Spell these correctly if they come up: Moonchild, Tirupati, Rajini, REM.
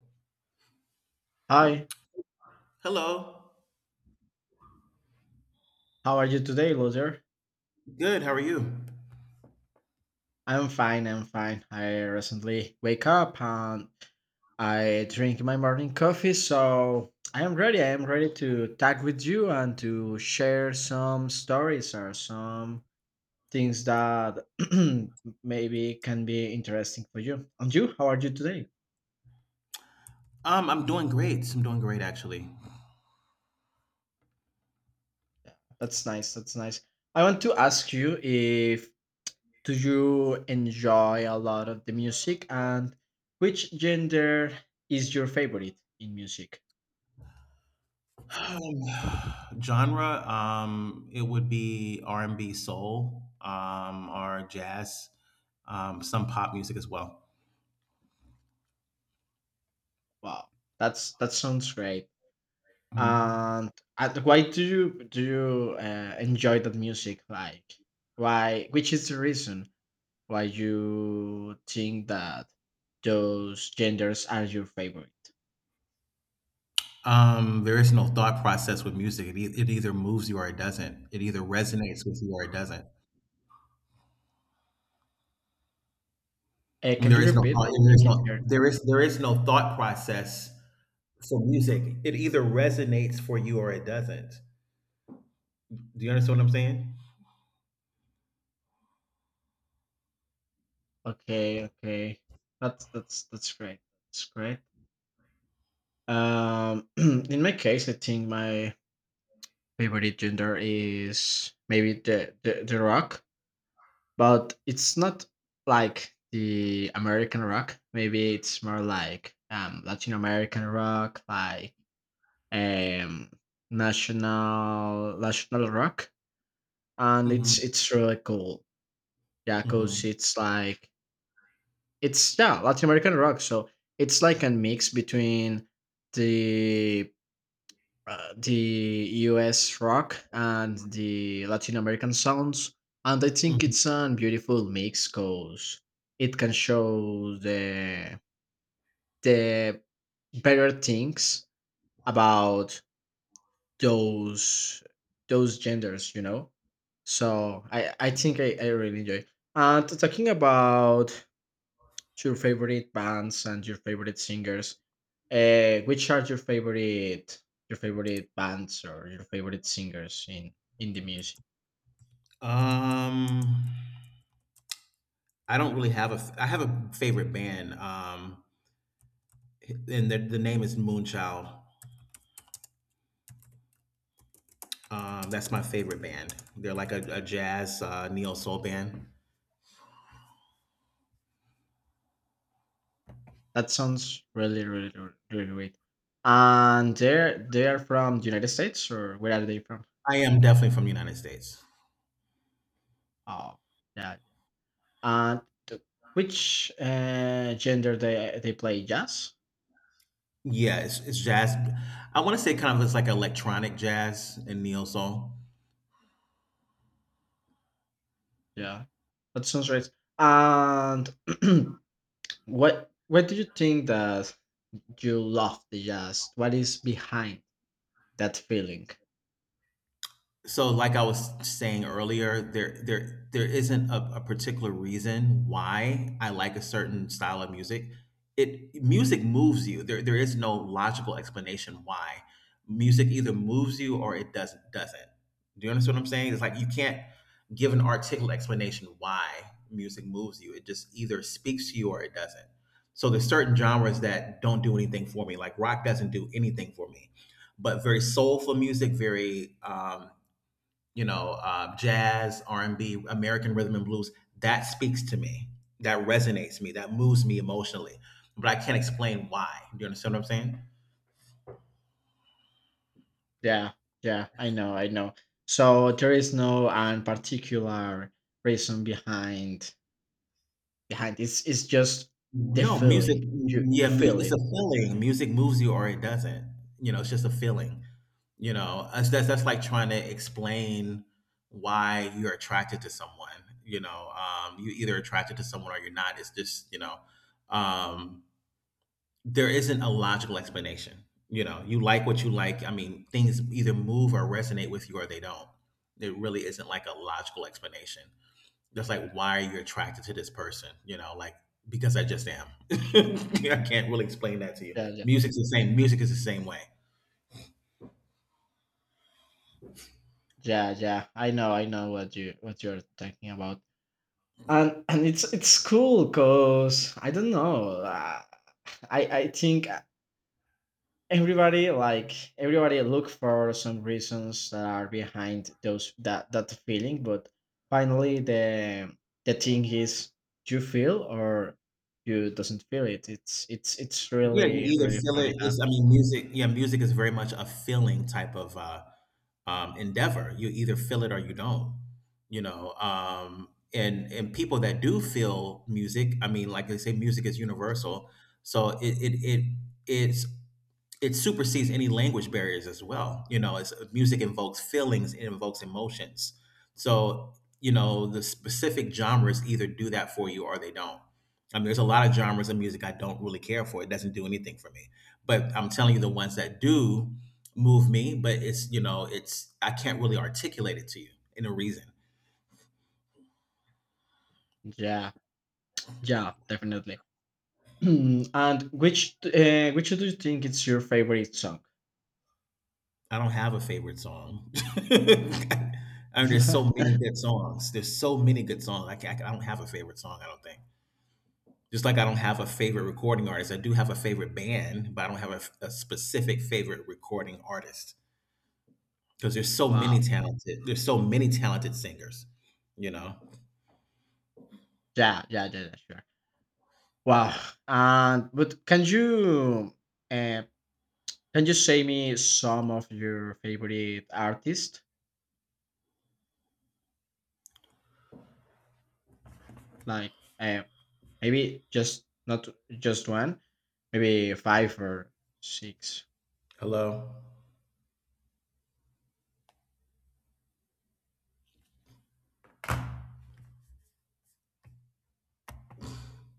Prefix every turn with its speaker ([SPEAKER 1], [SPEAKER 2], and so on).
[SPEAKER 1] Hi,
[SPEAKER 2] Hello.
[SPEAKER 1] how are you today, loser?
[SPEAKER 2] Good. How are you?
[SPEAKER 1] I'm fine, I'm fine. I recently wake up and I drink my morning coffee, so I am ready. I am ready to talk with you and to share some stories or some things that maybe can be interesting for you. And you, how are you today?
[SPEAKER 2] I'm doing great. I'm doing great actually.
[SPEAKER 1] That's nice, that's nice. I want to ask you if Do you enjoy a lot of the music? And which gender is your favorite in music?
[SPEAKER 2] Um, Genre, it would be R and B, soul, or jazz, some pop music as well.
[SPEAKER 1] Wow, that sounds great.
[SPEAKER 2] Mhm.
[SPEAKER 1] And, and why do you enjoy that music? Like, why? Which is the reason why you think that those genders are your favorite?
[SPEAKER 2] There is no thought process with music. It either moves you or it doesn't. It either resonates with you or it doesn't.
[SPEAKER 1] Can
[SPEAKER 2] There
[SPEAKER 1] you
[SPEAKER 2] is no
[SPEAKER 1] repeat?
[SPEAKER 2] thought.
[SPEAKER 1] I, I can hear.
[SPEAKER 2] There is no thought process for music. It either resonates for you or it doesn't. Do you understand what I'm saying?
[SPEAKER 1] Okay, okay. That's great. That's great. In my case, I think my favorite gender is maybe the rock, but it's not like the American rock. Maybe it's more like Latin American rock, like um national rock, and it's
[SPEAKER 2] Mhm.
[SPEAKER 1] it's really cool. Yeah, cause
[SPEAKER 2] Mhm,
[SPEAKER 1] it's like it's yeah Latin American rock, so it's like a mix between the the US rock and the Latin American sounds. And I think
[SPEAKER 2] mhm.
[SPEAKER 1] it's a beautiful mix because it can show the better things about those those genders, you know. So I really enjoy. And talking about your favorite bands and your favorite singers. Which are your favorite bands or your favorite singers in the music?
[SPEAKER 2] Um, I don't really have a f I have a favorite band, and the name is Moonchild. That's my favorite band. They're like a jazz, neo-soul band.
[SPEAKER 1] That sounds really really great. And they are from the United States or where are they from?
[SPEAKER 2] I am definitely from the United States.
[SPEAKER 1] Oh, yeah. And th- which gender they play jazz?
[SPEAKER 2] Yeah, it's jazz. I wanna say kind of it's like electronic jazz and neo-soul.
[SPEAKER 1] Yeah, that sounds right. And what do you think that you love the jazz what is behind that feeling?
[SPEAKER 2] So, like I was saying earlier, there isn't a particular reason why I like a certain style of music. It Music moves you. There is no logical explanation why music either moves you or it doesn't. Do you understand what I'm saying? It's like you can't give an articulate explanation why music moves you. It just either speaks to you or it doesn't. So there's certain genres that don't do anything for me. Like rock doesn't do anything for me, but very soulful music, very you know, jazz, R and B, American rhythm and blues. That speaks to me. That resonates me. That moves me emotionally. But I can't explain why. Do you understand what I'm saying?
[SPEAKER 1] Yeah yeah I know. So there is no particular reason behind, it's just the
[SPEAKER 2] No, music.
[SPEAKER 1] feeling, you
[SPEAKER 2] Yeah,
[SPEAKER 1] feel
[SPEAKER 2] it's a
[SPEAKER 1] it.
[SPEAKER 2] feeling. Music moves you or it doesn't. It's just a feeling. That's like trying to explain why you're attracted to someone. You either attracted to someone or you're not. It's just, um, there isn't a logical explanation. You like what you like. I mean, things either move or resonate with you or they don't. There really isn't like a logical explanation. That's like why are you attracted to this person, because I just am. I can't really explain that to you.
[SPEAKER 1] yeah yeah
[SPEAKER 2] Music's the same. Music is the same way.
[SPEAKER 1] yeah yeah I know what you're talking about. And it's cool because I don't know. I think, everybody like everybody look for some reasons that are behind those that that feeling, but finally the thing is you feel or you doesn't feel it. It's
[SPEAKER 2] Yeah, you
[SPEAKER 1] really
[SPEAKER 2] either
[SPEAKER 1] really
[SPEAKER 2] feel
[SPEAKER 1] funny
[SPEAKER 2] it.
[SPEAKER 1] that.
[SPEAKER 2] It's, I mean, music. Yeah, music is very much a feeling type of endeavor. You either feel it or you don't. And people that do feel music, I mean, like they say, music is universal. So it's it supersedes any language barriers as well. You know, it's Music invokes feelings, it invokes emotions. So, the specific genres either do that for you or they don't. I mean, there's a lot of genres of music I don't really care for. It doesn't do anything for me. But I'm telling you, the ones that do move me, but it's, you know, it's, I can't really articulate it to you in a reason.
[SPEAKER 1] Yeah yeah definitely. And which do you think is your favorite song?
[SPEAKER 2] I don't have a favorite song. I mean, there's so many good songs. There's so many good songs. I don't have a favorite song, I don't think. Just like I don't have a favorite recording artist, I do have a favorite band, but I don't have a specific favorite recording artist because there's so
[SPEAKER 1] Wow.
[SPEAKER 2] many talented. There's so many talented singers. You know.
[SPEAKER 1] Yeah, yeah, yeah, yeah, sure. Wow. And but can you uh, can you say me some of your favorite artists? Like, uh, maybe just not just one, maybe five or six.
[SPEAKER 2] Hello.